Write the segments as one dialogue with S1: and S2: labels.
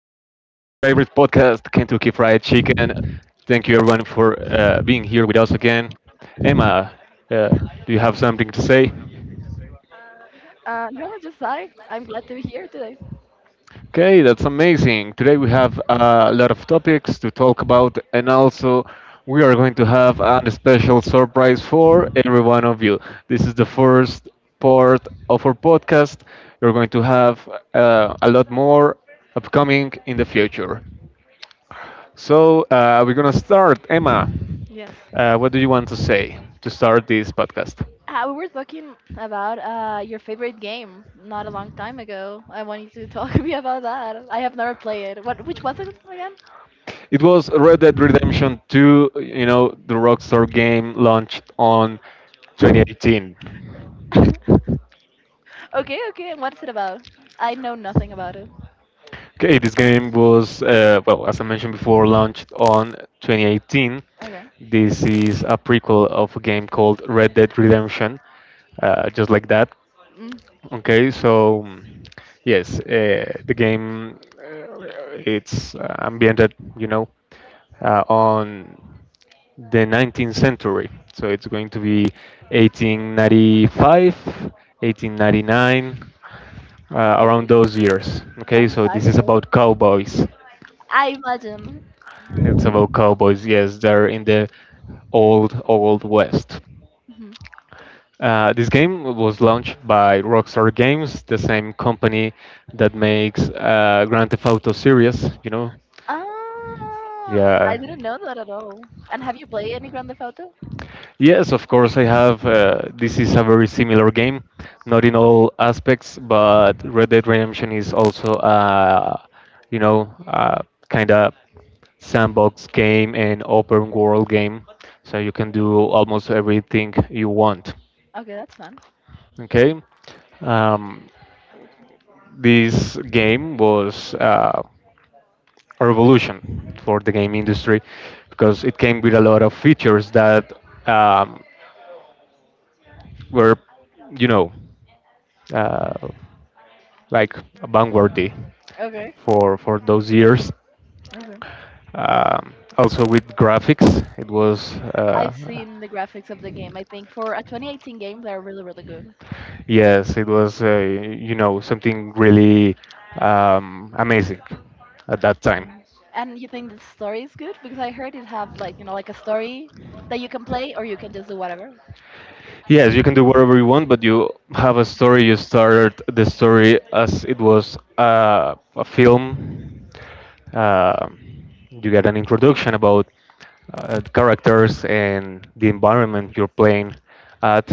S1: Kentucky Fried Chicken. Thank you, everyone, for being here with us again. Emma, uh, do you have something to say?
S2: No, just hi. I'm glad to be here today.
S1: Okay, that's amazing. Today we have a lot of topics to talk about, and also we are going to have a special surprise for every one of you. This is the first part of our podcast. We're going to have a lot more upcoming in the future. So we're gonna start. Emma,
S2: Yes.
S1: what do you want to say to start this podcast?
S2: We were talking about your favorite game not a long time ago. I wanted to talk to me about that. I have never played it. What? Which was it again?
S1: It was Red Dead Redemption 2. You know, the Rockstar game launched on 2018.
S2: Okay, okay. And what's it about? I know nothing about it.
S1: Okay, this game was, well, as I mentioned before, launched on 2018.
S2: Okay.
S1: This is a prequel of a game called Red Dead Redemption, just like that.
S2: Mm.
S1: Okay, so yes, the game it's ambiented, you know, on the 19th century. So it's going to be 1895, 1899, around
S2: Okay.
S1: those years. Okay,
S2: Long
S1: so this
S2: time
S1: is
S2: ago.
S1: about cowboys.
S2: I imagine.
S1: It's about cowboys, yes, they're in the old, old west.
S2: Mhm.
S1: This game was launched by Rockstar Games, the same company that makes Grand Theft Auto series. You know,
S2: Ah, I
S1: yeah.
S2: didn't know that at all. And have you played any Grand Theft Auto?
S1: Yes, of course, I have. This is a very similar game, not in all aspects, but Red Dead Redemption is also, a, you know, uh, kind of sandbox game and open world game, so you can do almost everything you want.
S2: Okay, that's fun.
S1: Okay. Um, this game was a revolution for the game industry because it came with a lot of features that um, were, you know, uh, like vanguardy
S2: Okay.
S1: for those years.
S2: Okay.
S1: Also with graphics, it was
S2: I've seen the graphics of the game. I think for a 2018 game, they're really, really good.
S1: yes, it was you know something really amazing at that time.
S2: And and you think the story is good? Because I heard it have like like a story that you can play or you can just do whatever.
S1: Yes, you can do whatever you want, but you have a story. You start the story as it was a film. Uh, you get an introduction about characters and the environment you're playing at.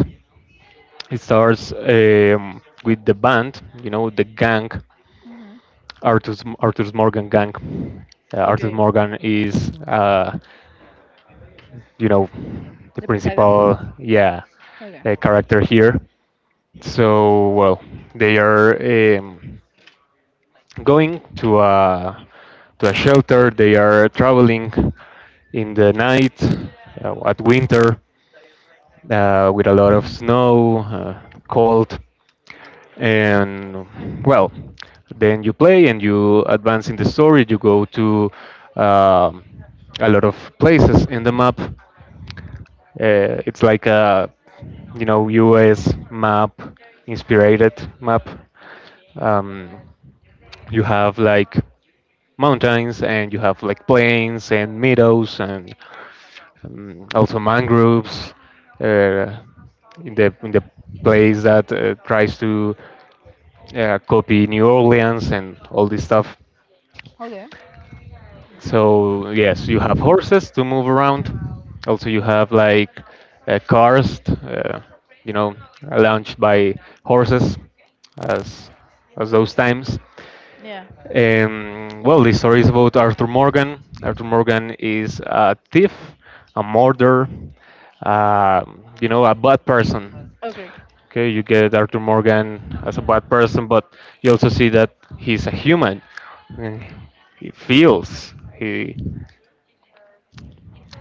S1: It starts with the band, you know, the gang,
S2: Hmm.
S1: Arthur's Morgan gang. Arthur
S2: Okay.
S1: Morgan is you know, the
S2: The protagonist.
S1: principal, yeah,
S2: Okay.
S1: character here. So well, they are going to a shelter. They are traveling in the night at winter with a lot of snow, cold, and well, then you play and you advance in the story. You go to um, a lot of places in the map it's like a you know US map inspired map. Um, you have like mountains and you have like plains and meadows and also mangroves uh, in the place that tries to copy New Orleans and all this stuff.
S2: Okay.
S1: So yes, you have horses to move around. Also, you have like cars, uh, you know, launched by horses, as as those times.
S2: Yeah.
S1: Well, the story is about Arthur Morgan. Arthur Morgan is a thief, a murderer, uh, you know, a bad person.
S2: Okay.
S1: Okay, you get Arthur Morgan as a bad person, but you also see that he's a human. And he feels. He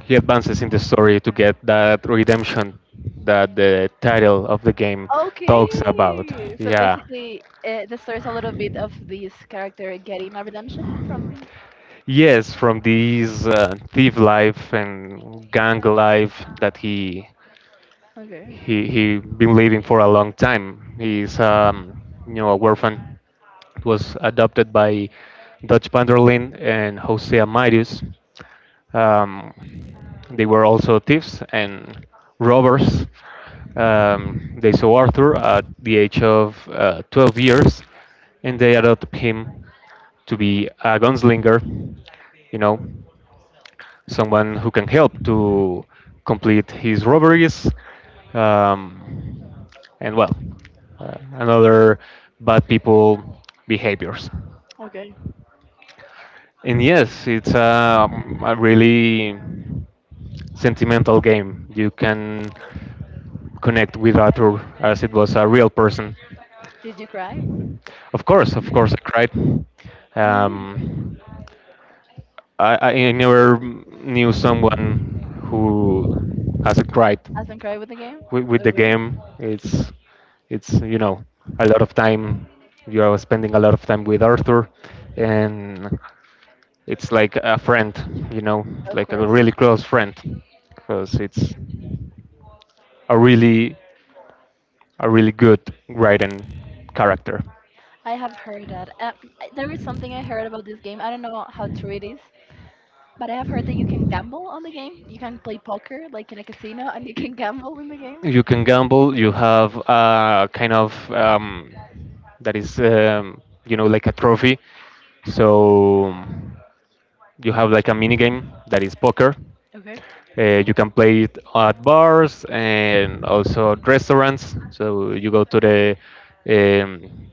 S1: he advances in the story to get that redemption that the title of the game talks about.
S2: Okay. So
S1: Yeah.
S2: basically, the story is a little bit of this character getting a redemption from.
S1: Yes, from this thief life and gang life that he
S2: Okay.
S1: he he been living for a long time. He's you know a orphan. Was adopted by Dutch Vanderlyn and Jose Amarius. Um, they were also thieves and robbers. They saw Arthur at the age of 12 years, and they adopted him to be a gunslinger. You know someone who can help to complete his robberies, um, and well, another bad people behaviors.
S2: Okay.
S1: And yes, it's a really sentimental game. You can connect with Arthur as it was a real person.
S2: Did you cry?
S1: Of course, I cried.
S2: You did.
S1: Um, I, I never knew someone who hasn't cried
S2: Hasn't cried with the game.
S1: with the
S2: Okay.
S1: game. It's you know a lot of time. You are spending a lot of time with Arthur, and it's like a friend. You know,
S2: Of
S1: like a
S2: course.
S1: really close friend, because it's a really a really good writing character.
S2: I have heard that. There is something I heard about this game. I don't know how true it is, but I have heard that you can gamble on the game. You can play poker, like in a casino, and you
S1: Y-
S2: can gamble in the game.
S1: You can gamble. You have a kind of that is you know like a trophy. So you have like a mini game that is poker.
S2: Okay.
S1: You can play it at bars and also at restaurants. So you go to the um,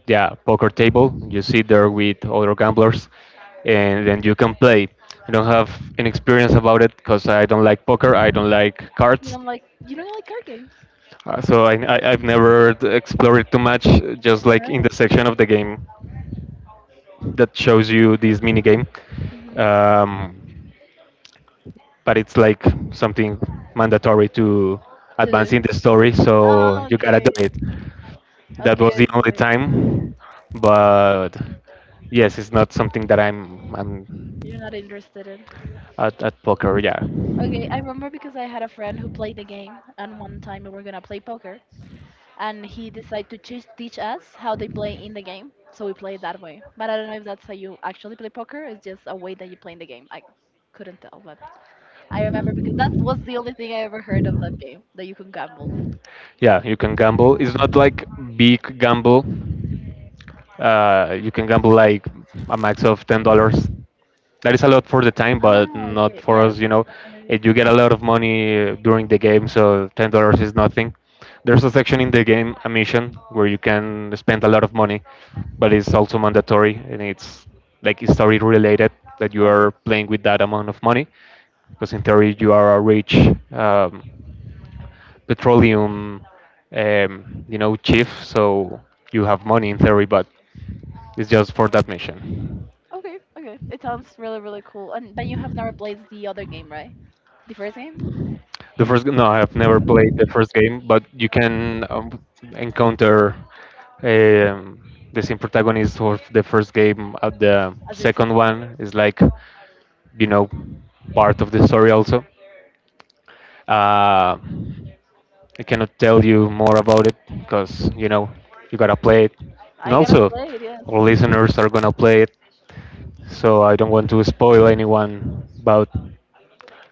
S1: yeah poker table. You sit there with other gamblers, and then you can play. I don't have any experience about it because I don't like poker. I don't like
S2: You
S1: cards.
S2: don't like, you don't like card games.
S1: So I've never explored it too much. Just like in
S2: No.
S1: the section of the game that shows you this mini game.
S2: Mhm.
S1: Um, but it's like something mandatory to
S2: To do.
S1: advance in the story, so
S2: Oh,
S1: you gotta
S2: okay.
S1: do it. That
S2: Okay.
S1: was the only
S2: Okay.
S1: time, but yes, it's not something that I'm
S2: You're not interested in.
S1: at poker, yeah.
S2: Okay, I remember because I had a friend who played the game, and one time we were gonna play poker, and he decided to teach us how they play in the game. So we play that way. But I don't know if that's how you actually play poker. It's just a way that you play in the game. I couldn't tell, but I remember because that was the only thing I ever heard of that game that you can gamble.
S1: Yeah, you can gamble. It's not like big gamble. You can gamble like a max of $10. That is a lot for the time, but
S2: Ah,
S1: not
S2: okay,
S1: for
S2: yes.
S1: us. You know,
S2: Like.
S1: it, you get a lot of money during the game, so $10 is nothing. There's a section in the game, a mission, where you can spend a lot of money, but it's also mandatory and it's like story related that you are
S2: Okay,
S1: playing with that amount of money, because in theory you are a rich. Um, petroleum, chief. So you have money in theory, but it's just for that mission.
S2: okay, okay. It sounds really, really cool. And but you have never played the other game, right? The first game
S1: No, I have never played the first game, but you can encounter um, the same protagonist of the first game at the
S2: as the
S1: second
S2: second game.
S1: one. Is like you know part of the story also. Uh, I cannot tell you more about it because you know you gotta play it, and
S2: I gotta
S1: also
S2: play it. Yes.
S1: our listeners are gonna play it, so I don't want to spoil anyone about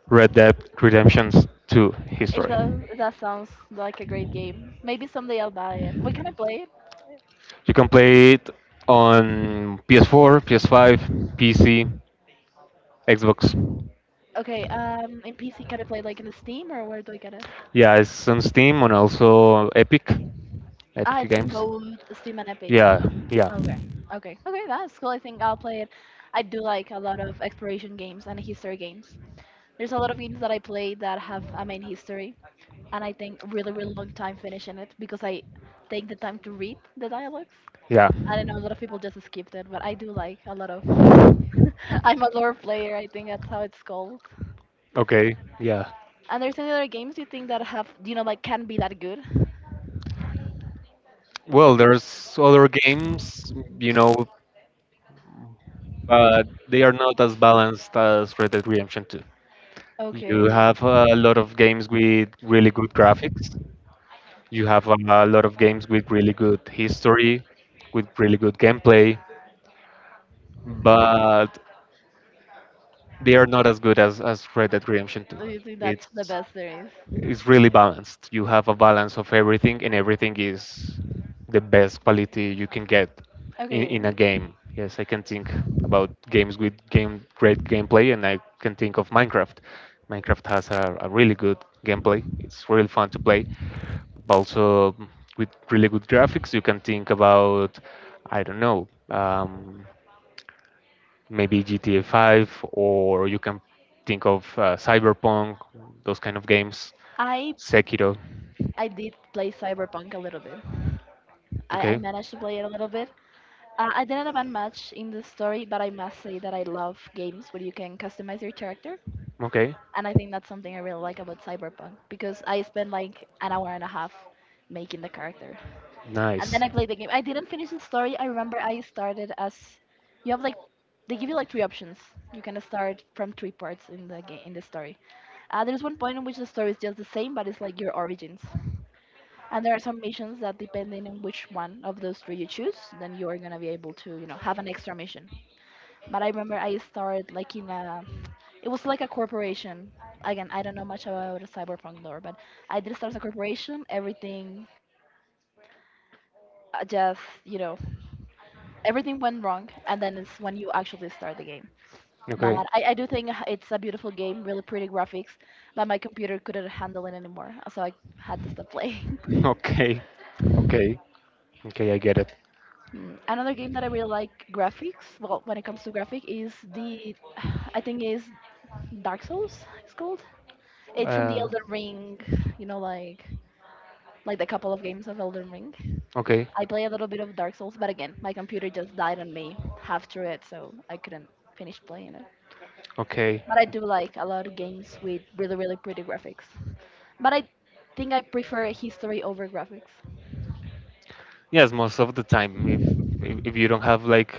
S1: Red Dead Redemption's 2
S2: It
S1: history.
S2: does. That sounds like a great game. Maybe someday I'll buy it. Where can I play it?
S1: You can play it on PS4, PS5, PC, Xbox.
S2: Okay, in PC, can I play like in Steam or where do I get it?
S1: Yeah, it's on Steam and also Epic,
S2: Ah,
S1: Epic
S2: it's in
S1: Games.
S2: both Steam and Epic.
S1: Yeah, yeah,
S2: Okay, okay, okay, that's cool. I think I'll play it. I do like a lot of exploration games and history games. There's a lot of games that I play that have a main history, and I think really, really long time finishing it because I take the time to read the dialogues.
S1: yeah.
S2: I don't know, a lot of people just skip that, but I do like a lot of. I'm a lore player, I think that's how it's called.
S1: Okay, yeah.
S2: And there's any other games you think that have like can be that good?
S1: Well, there's other games, you know, but they are not as balanced as Red Dead Redemption 2. You
S2: Okay.
S1: have a lot of games with really good graphics. You have a lot of games with really good history, with really good gameplay, but they are not as good as Red Dead Redemption 2.
S2: Do you think that's the
S1: It's
S2: best there is?
S1: it's really balanced. You have a balance of everything, and everything is the best quality you can get
S2: Okay.
S1: in a game. Yes, I can think about games with game great gameplay, and I can think of Minecraft. Minecraft has a really good gameplay. It's really fun to play, also with really good graphics. You can think about, I don't know, maybe GTA 5, or you can think of Cyberpunk, those kind of games,
S2: I
S1: Sekiro.
S2: I did play Cyberpunk a little bit. I
S1: Okay.
S2: managed to play it a little bit. I didn't advance much in the story, but I must say that I love games where you can customize your character,
S1: Okay.
S2: and I think that's something I really like about Cyberpunk because I spent like an hour and a half making the character. And
S1: Nice.
S2: then I played the game. I didn't finish the story. I remember I started as you have like they give you like three options. You can start from three parts in the game in the story. There's one point in which the story is just the same, but it's like your origins. And there are some missions that, depending on which one of those three you choose, then you are gonna be able to, have an extra mission. But I remember I started like in a, it was like a corporation. Again, I don't know much about cyberpunk lore, but I did start as a corporation. Everything just, everything went wrong and then it's when you actually start the game but
S1: Okay.
S2: I do think it's a beautiful game, really pretty graphics, but my computer couldn't handle it anymore so I had to stop playing.
S1: Okay. Okay. Okay, I get it.
S2: Hmm, another game that I really like graphics, well when it comes to graphic is the I think is dark souls it's called, it's from the
S1: Uh,
S2: Elden Ring, you know like like the couple of games of Elden Ring.
S1: okay,
S2: I play a little bit of dark souls but again my computer just died on me half through it so I couldn't finish playing it.
S1: okay.
S2: But I do like a lot of games with really, really pretty graphics. But I think I prefer history over graphics.
S1: Yes, most of the time, if if you don't have like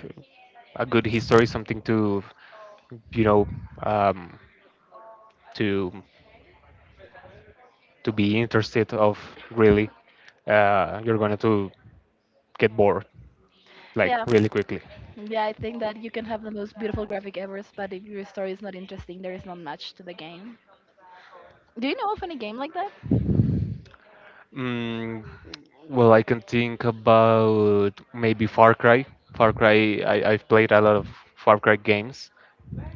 S1: a good history, something to, you know, um, to to be interested of really you're going to get bored like
S2: Yeah,
S1: really quickly.
S2: yeah, I think that you can have the most beautiful graphic ever, but if your story is not interesting, there is not much to the game. Do you know of any game like that?
S1: mm, well, I can think about maybe Far Cry. Far Cry. I've played a lot of Far Cry games,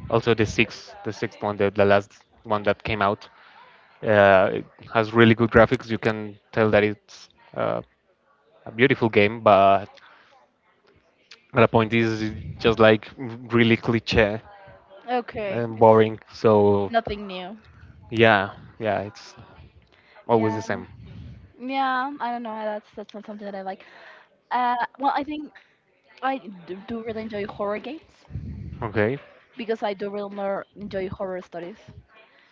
S1: also the sixth, one, the last one that came out. It has really good graphics. You can tell that it's uh, a beautiful game, but the point is it's just like really cliche
S2: Okay,
S1: and
S2: it's
S1: boring, so.
S2: nothing new.
S1: Yeah, yeah, it's always
S2: Yeah,
S1: the same.
S2: yeah, I don't know. That's not something that I like. Well, I think I do really enjoy horror games
S1: Okay.
S2: because I do really more enjoy horror stories.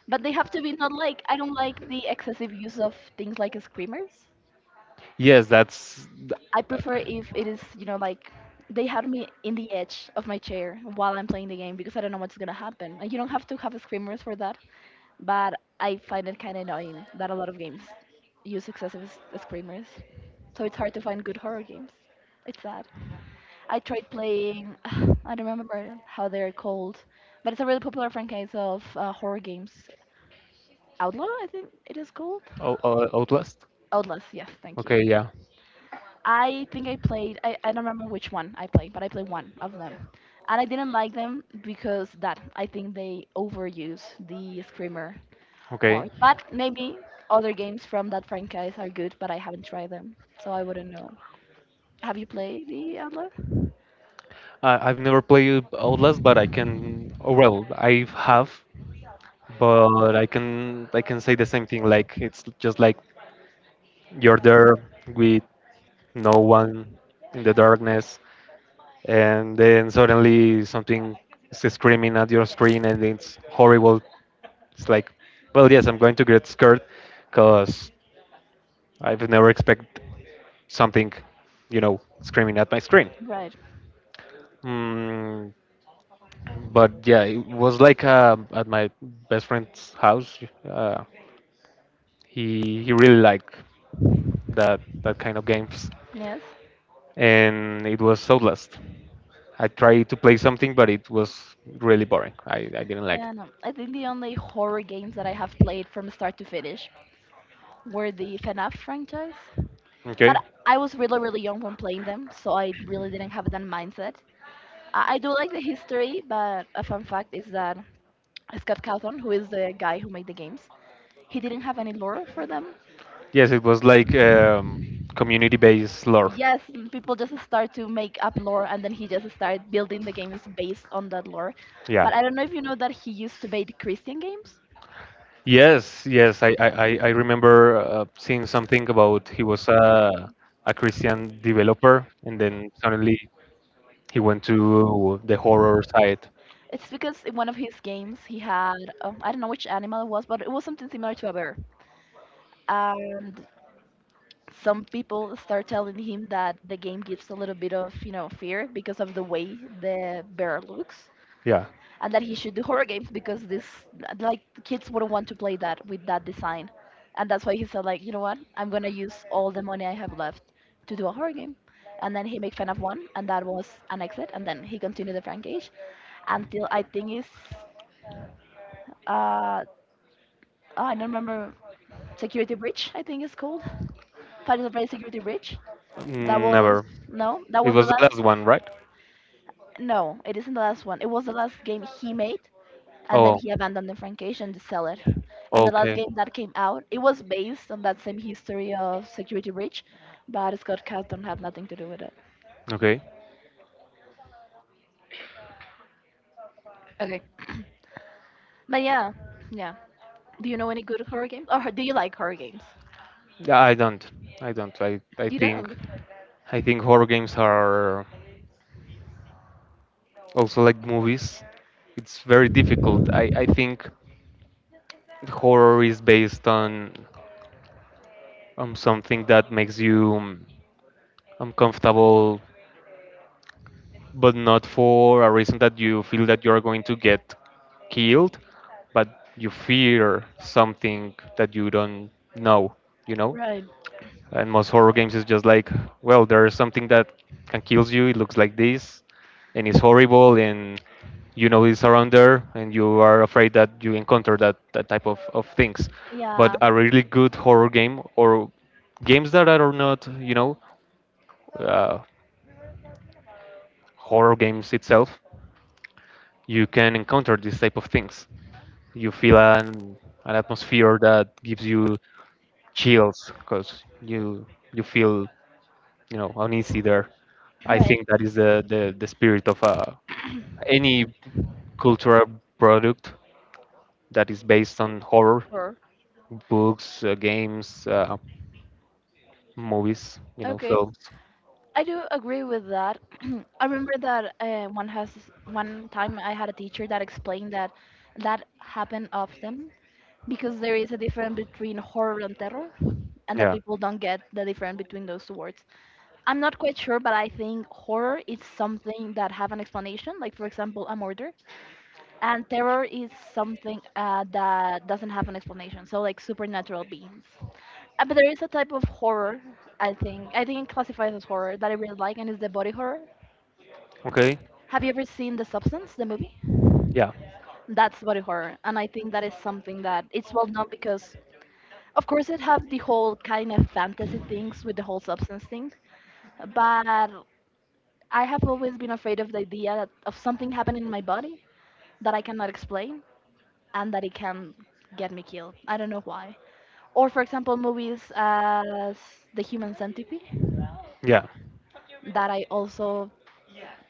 S2: But they have to be not like, I don't like the excessive use of things like screamers.
S1: Yes, that's. th-
S2: I
S1: uh,
S2: prefer if it is, like they have me in the edge of my chair while I'm playing the game because I don't know what's gonna happen. And you don't have to have screamers for that, but I find it kind of annoying that a lot of games use excessive screamers. So it's hard to find good horror games. It's sad. I tried playing, I don't remember how they're called, but it's a really popular franchise of horror games. Outlaw, I think it is called.
S1: Oh, Outlast.
S2: Outlast, yes, thank you.
S1: Okay, yeah.
S2: I think I played, I don't remember which one I played, but I played one of them. And I didn't like them because that, I think they overuse the screamer
S1: Okay.
S2: part. But maybe other games from that franchise are good, but I haven't tried them, so I wouldn't know. Have you played the Outlast?
S1: I I've never played Outlast, but I can. Oh well, I have, but I can say the same thing. Like it's just like you're there with no one in the darkness, and then suddenly something is screaming at your screen, and it's horrible. It's like, well, yes, I'm going to get scared, cause I've never expect something, you know, screaming at my screen.
S2: Right,
S1: Mm, but yeah, it was like at my best friend's house. Uh, he really liked that kind of games.
S2: yes.
S1: And it was Outlast. I tried to play something, but it was really boring. I didn't like it.
S2: And I think the only horror games that I have played from start to finish were the FNAF franchise.
S1: Okay.
S2: But I was really really young when playing them, so I really didn't have that mindset. I do like the history, but a fun fact is that Scott Cawthon, who is the guy who made the games, he didn't have any lore for them.
S1: Yes, it was like community-based lore.
S2: Yes, and people just start to make up lore, and then he just started building the games based on that lore.
S1: Yeah.
S2: But I don't know if you know that he used to make Christian games.
S1: Yes, yes. I remember seeing something about he was a Christian developer, and then suddenly he went to the horror side.
S2: It's because in one of his games he had I don't know which animal it was, but it was something similar to a bear. And some people start telling him that the game gives a little bit of fear because of the way the bear looks
S1: Yeah.
S2: and that he should do horror games because this like kids wouldn't want to play that with that design and that's why he said like you know what, I'm gonna use all the money I have left to do a horror game, and then he made fun of one and that was an exit and then he continued the franchise until I think it's uh oh, I don't remember, security breach I think it's called, final fantasy security breach. That
S1: Mm.
S2: was,
S1: Never.
S2: no that
S1: It
S2: was the
S1: was the
S2: last.
S1: last one, right?
S2: No, it isn't the last one. It was the last game he made, and then he
S1: Oh,
S2: abandoned the franchise and just sell it. And the last
S1: okay.
S2: game that came out, it was based on that same history of Security Breach, but Scott Cast don't have nothing to do with it.
S1: Okay.
S2: Okay. But yeah, yeah. Do you know any good horror games? Or do you like horror games?
S1: Yeah, I don't. I don't. I
S2: You
S1: think
S2: don't.
S1: horror games are also like movies. It's very difficult. I think horror is based on something that makes you uncomfortable, but not for a reason that you feel that you're going to get killed, but you fear something that you don't know, you know?
S2: Right.
S1: And most horror games is just like, well, there is something that can kill you, it looks like this, and it's horrible, and you know it's around there, and you are afraid that you encounter that, that type of things. But
S2: Yeah.
S1: a really good horror game, or games that are not, uh, horror games itself, you can encounter this type of things. You feel an atmosphere that gives you chills because you feel uneasy there. I
S2: Right.
S1: think that is the spirit of any cultural product that is based on horror,
S2: Horror.
S1: books, games, movies,
S2: Okay.
S1: films.
S2: I do agree with that. I remember that one time I had a teacher that explained that that happened often because there is a difference between horror and terror, and that
S1: Yeah.
S2: people don't get the difference between those two words. I'm not quite sure, but I think horror is something that have an explanation, like for example, a murder, and terror is something that doesn't have an explanation. So like supernatural beings. But there is a type of horror, I think. I think it classifies as horror that I really like, and it's the body horror.
S1: Okay.
S2: Have you ever seen The Substance, the movie?
S1: Yeah.
S2: That's body horror, and I think that is something that it's well known because, of course, it have the whole kind of fantasy things with the whole substance thing. But I have always been afraid of the idea that of something happening in my body that I cannot explain and that it can get me killed. I don't know why. Or for example, movies as The Human Centipede
S1: Yeah.
S2: that I also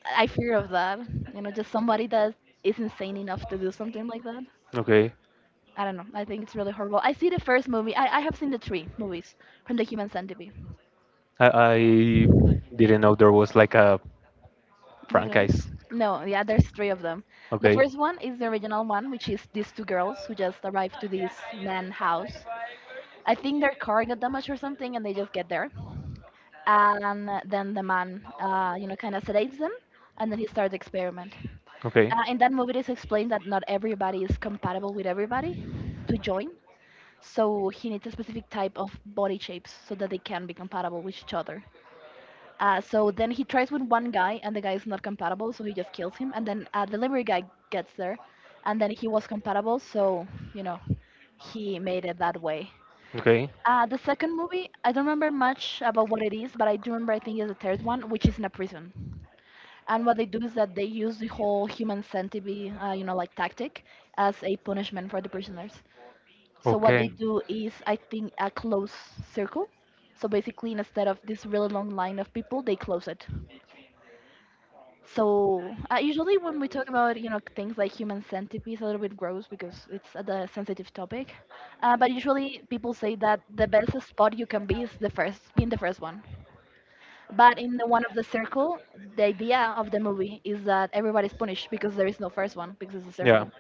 S2: I fear of that. Just somebody that is insane enough to do something like that.
S1: Okay.
S2: I don't know. I think it's really horrible. I see the first movie. I have seen the three movies from the Human Centipede.
S1: I didn't know there was like a
S2: That's right.
S1: franchise.
S2: No, yeah, there's three of them. The
S1: Okay.
S2: first one is the original one, which is these two girls who just arrive to this man house. I think their car got damaged or something, and they just get there. And then the man, kind of sedates them, and then he starts the experiment.
S1: Okay.
S2: In that movie it is explained that not everybody is compatible with everybody to join, so he needs a specific type of body shapes so that they can be compatible with each other. So then he tries with one guy and the guy is not compatible, so he just kills him. And then a delivery guy gets there, and then he was compatible, so you know he made it that way.
S1: Okay. Okay.
S2: The second movie I don't remember much about what it is, but I do remember, I think it's the third one, which is in a prison. And what they do is that they use the whole human centipede, like, tactic as a punishment for the prisoners. So what they do is, I think, a close circle. So basically, instead of this really long line of people, they close it. So usually, when we talk about things like human centipede, it's a little bit gross because it's a the sensitive topic. But usually, people say that the best spot you can be is the first, being the first one. But in the one of the circle, the idea of the movie is that everybody's punished because there is no first one because it's a
S1: Yeah.
S2: circle.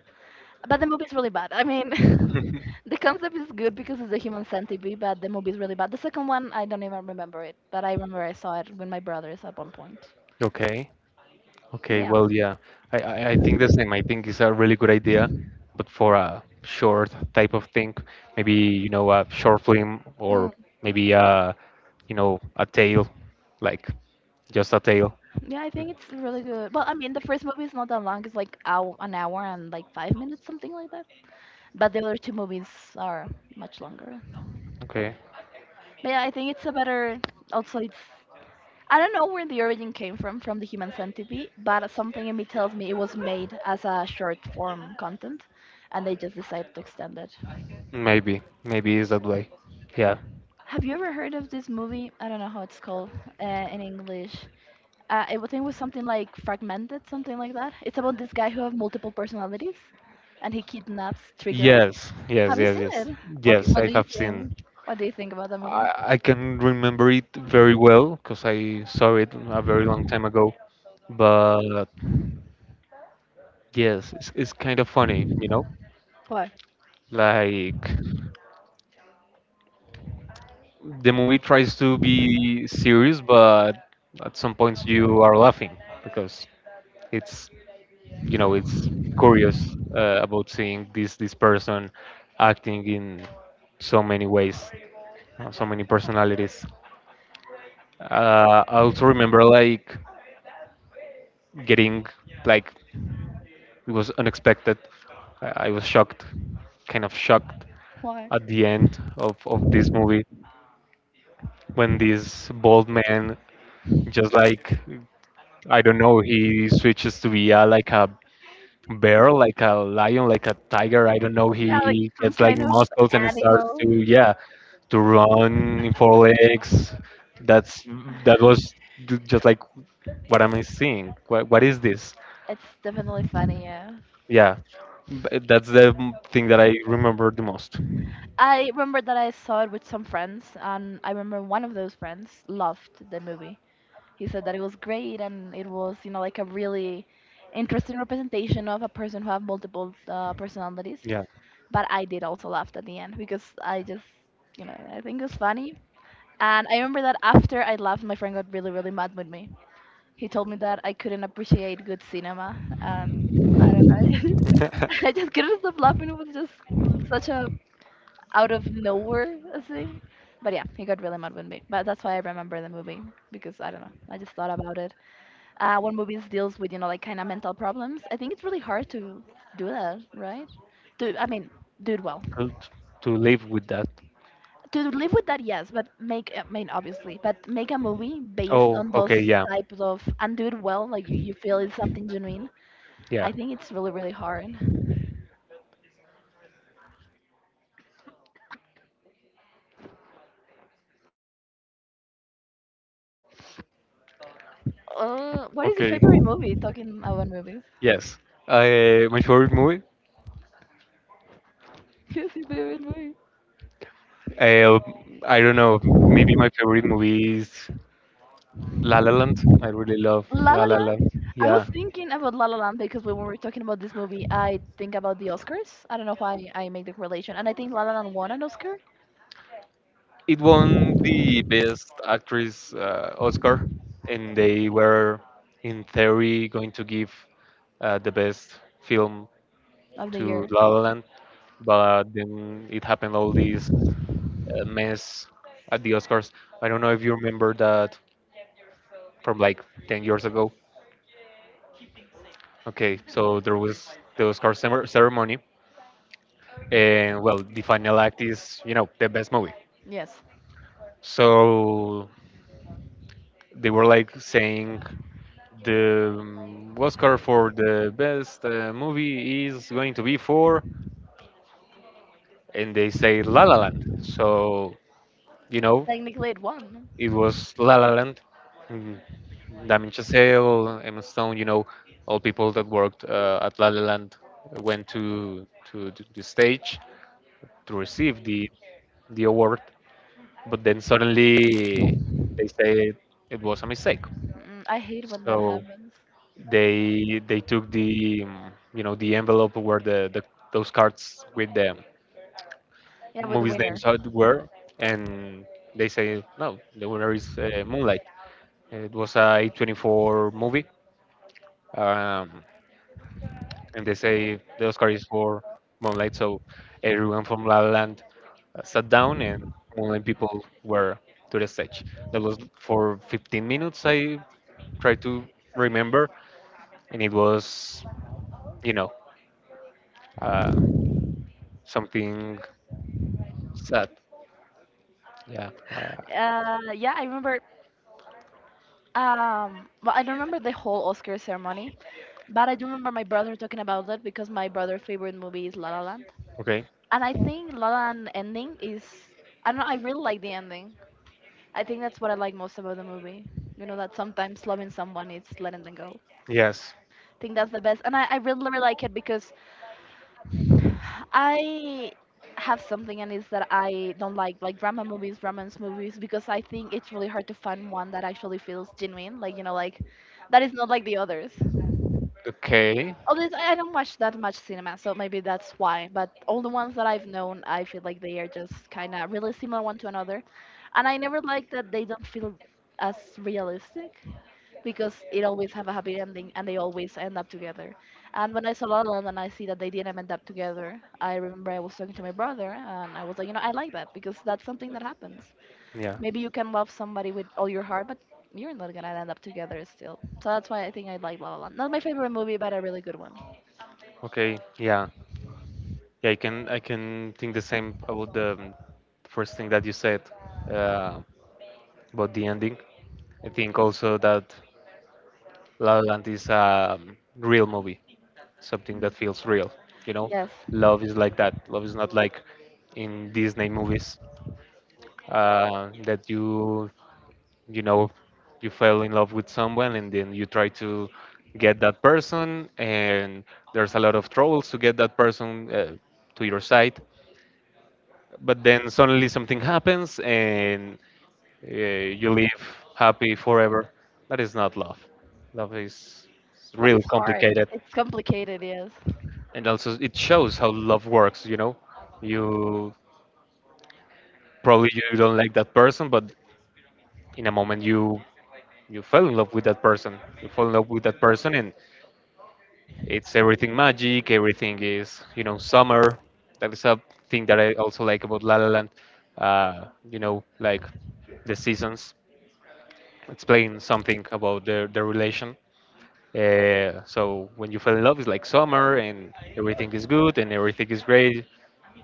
S2: But the movie is really bad. I mean, the concept is good because it's a human centipede, but the movie is really bad. The second one, I don't even remember it, but I remember I saw it with my brothers at one point.
S1: Okay.
S2: But
S1: Okay,
S2: yeah.
S1: well, yeah, I think the same. I think it's a really good idea, but for a short type of thing, maybe a short film
S2: Mm.
S1: or maybe a a tale, like just a tale.
S2: Yeah, I think
S1: Mm.
S2: it's really good. Well, I mean, the first movie is not that long. It's like hour, an hour and like 5 minutes, something like that. But the other two movies are much longer.
S1: Okay,
S2: But yeah, I think it's a better. Also, it's I don't know where the origin came from the human centipede, but something in me tells me it was made as a short form content and they just decided to extend it.
S1: maybe it's that way. Yeah.
S2: Have you ever heard of this movie? I don't know how it's called in English. I think it was something like Fragmented, something like that. It's about this guy who has multiple personalities and he kidnaps three girls.
S1: Yes, yes,
S2: Have you
S1: yes,
S2: seen it?
S1: yes,
S2: Okay,
S1: yes.
S2: what
S1: I
S2: do you
S1: have
S2: think?
S1: seen.
S2: What do you think about the movie?
S1: I can remember it very well because I saw it a very long time ago. But yes, it's kind of funny, you know?
S2: Why?
S1: Like the movie tries to be serious, but at some points you are laughing because it's it's curious, about seeing this person acting in so many ways, so many personalities. I also remember like getting like it was unexpected. I was shocked, kind of shocked
S2: Why?
S1: at the end of this movie when this bald man just like, I don't know, he switches to be like a bear, like a lion, like a tiger. I don't know.
S2: Yeah, like
S1: He
S2: some
S1: gets like
S2: kind of
S1: muscles and starts to,
S2: animal.
S1: yeah, to run in four legs. That's that was just like, what am I seeing? What is this?
S2: It's definitely funny, yeah.
S1: Yeah, that's the thing that I remember the most.
S2: I remember that I saw it with some friends, and I remember one of those friends loved the movie. He said that it was great and it was, like a really interesting representation of a person who have multiple personalities.
S1: Yeah.
S2: But I did also laugh at the end because I just I think it was funny. And I remember that after I laughed, my friend got really, really mad with me. He told me that I couldn't appreciate good cinema, and I don't know. I just couldn't stop laughing. It was just such a out of nowhere a scene. But yeah, he got really mad with me. But that's why I remember the movie because I don't know. I just thought about it when movies deals with like kind of mental problems. I think it's really hard to do that right, to, I mean, do it well.
S1: to to live with that.
S2: To live with that, yes, but make, I mean, obviously, but make a movie based
S1: Oh,
S2: on those
S1: okay. Yeah.
S2: types of and do it well, like you feel it's something genuine. I
S1: Yeah.
S2: think it's really really hard. What is your
S1: Okay,
S2: favorite movie, talking about movies?
S1: yes. My favorite movie?
S2: What's your favorite movie?
S1: Uh, I don't know. Maybe my favorite movie is La La Land. I really love
S2: La
S1: La
S2: la
S1: La
S2: land.
S1: Land.
S2: I was
S1: Yeah.
S2: thinking about La La Land because when we were talking about this movie, I think about the Oscars. I don't know why I make the correlation, and I think La La Land won an Oscar.
S1: It won the Best Actress Oscar, and they were, in theory, going to give the Best Film
S2: Of the
S1: to
S2: year.
S1: La La Land, but then it happened all this mess at the Oscars. I don't know if you remember that from like 10 years ago. Okay, so there was the Oscar ceremony, and well, the final act is, you know, the best movie.
S2: Yes,
S1: So they were like saying the Oscar for the best movie is going to be for, and they say La La Land. So, you know.
S2: technically it won.
S1: It was La La Land. Mm, Damien Chazelle, Emma Stone, you know, all people that worked at La La Land went to the stage to receive the award, but then suddenly they said it was a mistake.
S2: Mm, I hate when that
S1: So
S2: happens.
S1: they took the you know, the envelope where the those cards with the
S2: Yeah, with the
S1: movies
S2: winner.
S1: names out were, and they say no, the winner is Moonlight. It was a 24 movie, um, and they say the Oscar is for Moonlight. So everyone from La La Land sat down, and Moonlight people were to the stage. That was for 15 minutes. I try to remember, and it was, you know, uh, something sad. Yeah. Uh,
S2: Yeah, I remember. Well, I don't remember the whole Oscar ceremony, but I do remember my brother talking about that because my brother's favorite movie is La La Land,
S1: okay.
S2: and I think La La Land ending is. I don't know. I really like the ending. I think that's what I like most about the movie. You know that sometimes loving someone is letting them go.
S1: Yes.
S2: I think that's the best, and I really really like it because I have something, and it's that I don't like drama movies, romance movies, because I think it's really hard to find one that actually feels genuine. Like, that is not like the others.
S1: Okay.
S2: Although I don't watch that much cinema, so maybe that's why. But all the ones that I've known, I feel like they are just kind of really similar one to another, and I never like that they don't feel as realistic because it always have a happy ending and they always end up together. And when I saw La La Land and I see that they didn't end up together, I remember I was talking to my brother and I was like, you know, I like that because that's something that happens.
S1: Yeah.
S2: Maybe you can love somebody with all your heart, but you're not gonna end up together still. So that's why I think I like La La Land. Not my favorite movie, but a really good one.
S1: Okay. Yeah. Yeah, I can think the same about the first thing that you said uh, about the ending. I think also that La La Land is a real movie, something
S2: Mm.
S1: that feels real. You know,
S2: Yes,
S1: love is like that. Love is not like in Disney movies that you know you fell in love with someone and then you try to get that person and there's a lot of troubles to get that person to your side. But then suddenly something happens and you live happy forever. That is not love. Love is
S2: love
S1: really
S2: is hard.
S1: complicated.
S2: It's complicated. Yes.
S1: And also it shows how love works, you know. You probably you don't like that person, but in a moment you fell in love with that person. You fall in love with that person and it's everything magic, everything is, you know, summer. That is a thing that I also like about La La Land. You know, like the seasons explain something about their relation. So when you fall in love, it's like summer and everything is good and everything is great.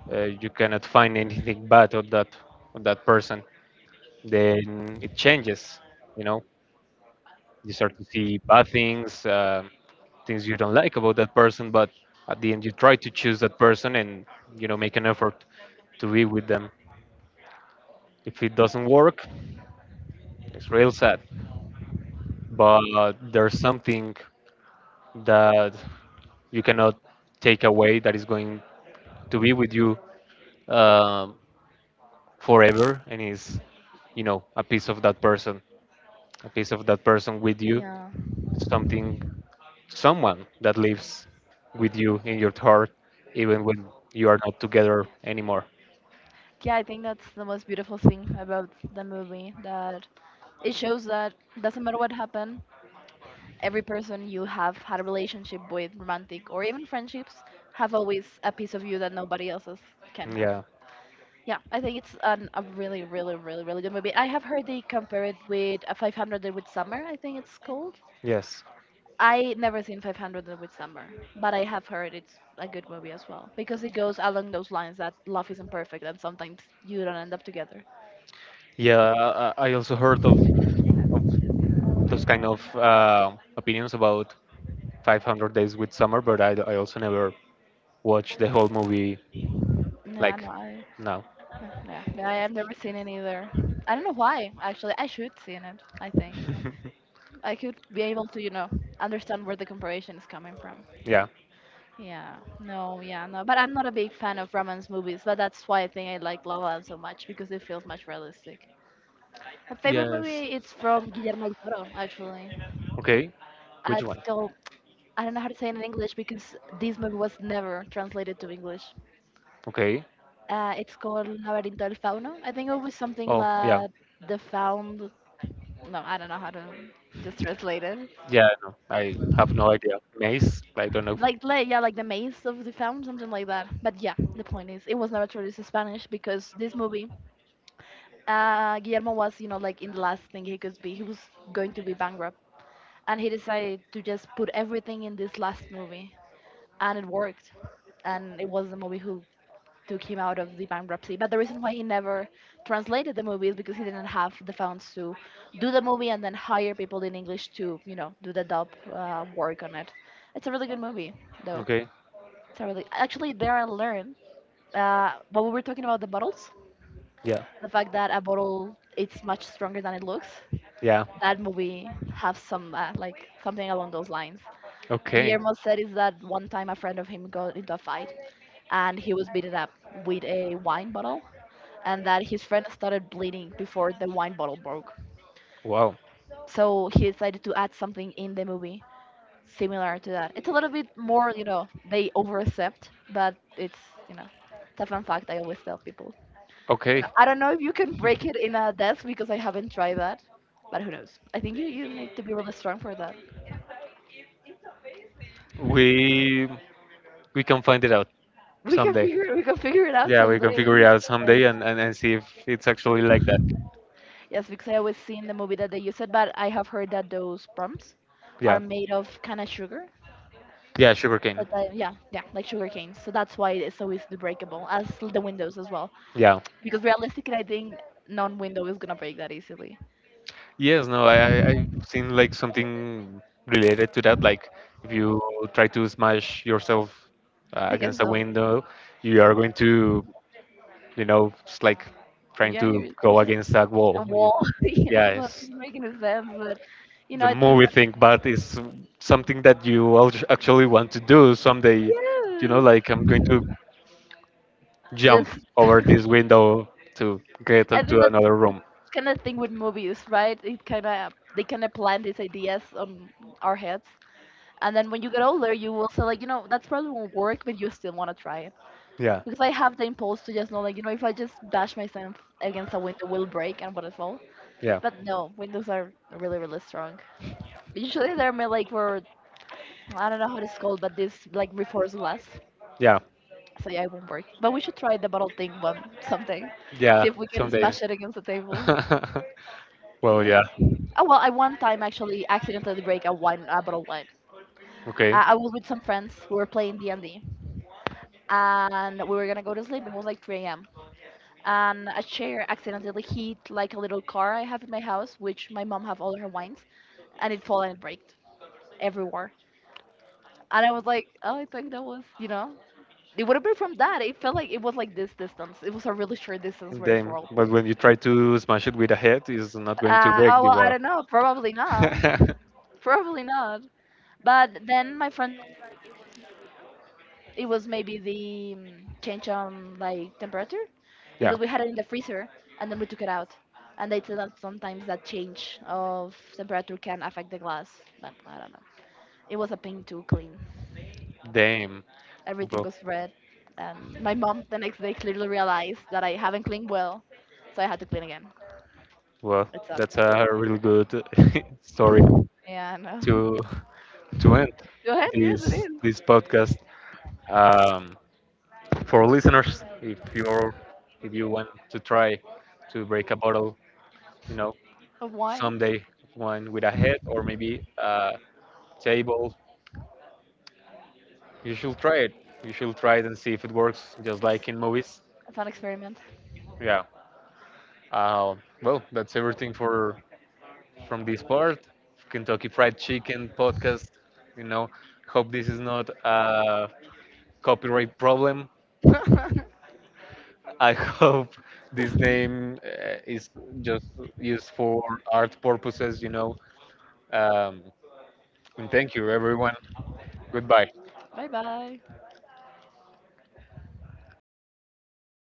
S1: You cannot find anything bad on that person. Then it changes. You know, you start to see bad things, things you don't like about that person. But at the end, you try to choose that person and make an effort to be with them. If it doesn't work, it's real sad. But there's something that you cannot take away that is going to be with you, um forever, and is, a piece of that person, with you,
S2: Yeah.
S1: something, someone that lives with you in your heart even when you are not together anymore.
S2: Yeah, I think that's the most beautiful thing about the movie, that it shows that doesn't matter what happened, every person you have had a relationship with, romantic or even friendships, have always a piece of you that nobody else's can have.
S1: Yeah.
S2: Yeah, I think it's an, a really, really, really, really good movie. I have heard they compare it with a 500 with Summer, I think it's called.
S1: Yes,
S2: I never seen 500 with Summer, but I have heard it's a good movie as well because it goes along those lines that love isn't perfect and sometimes you don't end up together.
S1: yeah, I also heard of those kind of opinions about 500 Days with Summer, but I also never watched the whole movie
S2: Yeah,
S1: like
S2: no, I,
S1: now.
S2: no, yeah, yeah, I have never seen it either. I don't know why, actually. I should see it, I think. I could be able to, you know, understand where the comparison is coming from.
S1: Yeah.
S2: Yeah, no, yeah, no. But I'm not a big fan of romance movies, but that's why I think I like La La Land so much because it feels much realistic. My favorite
S1: Yes.
S2: movie is from Guillermo del Toro, actually.
S1: Okay. Which
S2: It's
S1: one?
S2: called, I don't know how to say it in English because this movie was never translated to English.
S1: Okay.
S2: It's called Laberinto del Fauno. I think it was something
S1: Oh, yeah.
S2: like the found. No, I don't know how to just translate it.
S1: Yeah, no, I have no idea. Maze? I don't know.
S2: Yeah, like the maze of the fountain, something like that. But yeah, the point is, it was never traduced to Spanish because this movie, Guillermo was, you know, like in the last thing he could be. He was going to be bankrupt, and he decided to just put everything in this last movie, and it worked. And it was the movie who took him out of the bankruptcy. But the reason why he never translated the movie is because he didn't have the funds to do the movie and then hire people in English to, you know, do the dub work on it. It's a really good movie, though.
S1: Okay.
S2: It's a really actually there I learned what we were talking about the bottles,
S1: Yeah.
S2: the fact that a bottle it's much stronger than it looks.
S1: Yeah.
S2: That movie has some something along those lines.
S1: Okay.
S2: Guillermo said is that one time a friend of him got into a fight and he was beaten up with a wine bottle and that his friend started bleeding before the wine bottle broke.
S1: Wow.
S2: So he decided to add something in the movie similar to that. It's a little bit more, you know, they overaccept, but it's, you know, it's a fun fact I always tell people.
S1: Okay.
S2: Now, I don't know if you can break it in a death because I haven't tried that, but who knows? I think you need to be really strong for that.
S1: We we can find it out
S2: We can
S1: someday.
S2: figure it out
S1: Yeah, we can figure it
S2: someday.
S1: out
S2: Yes,
S1: someday and, and see if it's actually like that.
S2: yes, because I always seen the movie that they use it, but I have heard that those prompts are
S1: Yeah.
S2: made of kind of sugar.
S1: Yeah, sugarcane.
S2: So they- yeah, yeah, like sugar canes. So that's why it's so easily breakable, as l- the windows as well.
S1: Yeah.
S2: Because realistically, I think non-window is gonna break that easily.
S1: Yes, no, I've seen like something related to that. Like if you try to smash yourself
S2: I guess
S1: against a
S2: so.
S1: window, you are going to, you know, it's like trying
S2: Yeah,
S1: to
S2: you're
S1: go
S2: just
S1: against that wall.
S2: a
S1: You-
S2: wall. Yes, not
S1: Yes,
S2: making a sense, but you know,
S1: the
S2: I think
S1: movie thing, but it's something
S2: that
S1: that you actually want to do someday. You know,
S2: yes,
S1: like I'm going to jump
S2: just
S1: over this window to get
S2: I think
S1: to
S2: that's
S1: another room.
S2: kind of thing with movies, right? It kind of they kind of plant these ideas on our heads. And then when you get older, you will say like, you know, that's probably won't work, but you still want to try it
S1: Yeah,
S2: because I have the impulse to just know like, you know, if I just bash myself against a window, will break and will fall.
S1: yeah.
S2: But no, windows are really really strong. Usually they're made like for I don't know how it's called, but this like reinforced glass,
S1: Yeah,
S2: so yeah, it won't break. But we should try the bottle thing one something,
S1: yeah,
S2: see if we can
S1: some
S2: smash
S1: days.
S2: it against the table.
S1: Well,
S2: Yeah.
S1: yeah,
S2: Oh well, I one time actually accidentally break a wine a bottle of wine.
S1: okay.
S2: I was with some friends. We were playing D and D, and we were gonna go to sleep. It was like 3 a.m. And a chair accidentally hit like a little car I have in my house, which my mom have all her wines, and it fell and it breaked everywhere. And I was like, oh, I think that was, you know, it would have been from that. It felt like it was like this distance. It was a really short distance where it
S1: Damn.
S2: fell.
S1: But when you try to smash it with a head, it's not going to break
S2: Oh
S1: the
S2: well, I
S1: wall.
S2: don't know. Probably not. Probably not. But then my friend. It was maybe the change on like temperature
S1: Yeah.
S2: because we had it in the freezer and then we took it out, and they said that sometimes that change of temperature can affect the glass. But I don't know, it was a pain to clean.
S1: Damn.
S2: Everything
S1: Well,
S2: was red, and my mom the next day clearly realized that I haven't cleaned well, so I had to clean again.
S1: well,
S2: It sucked.
S1: that's a really good story
S2: Yeah, I know.
S1: to end
S2: Go ahead, yes it is.
S1: this podcast. Um, for listeners, if you're, if you want to try to break a bottle, you know,
S2: Of wine.
S1: someday, one with a head or maybe a table, you should try it. And see if it works just
S2: it's,
S1: like in movies.
S2: it's an experiment.
S1: Yeah. uh, well, that's everything for from this part, Kentucky Fried Chicken podcast, you know. Hope this is not a copyright problem. I hope this name is just used for art purposes, you know. Um, and thank you, everyone. Goodbye.
S2: Bye bye.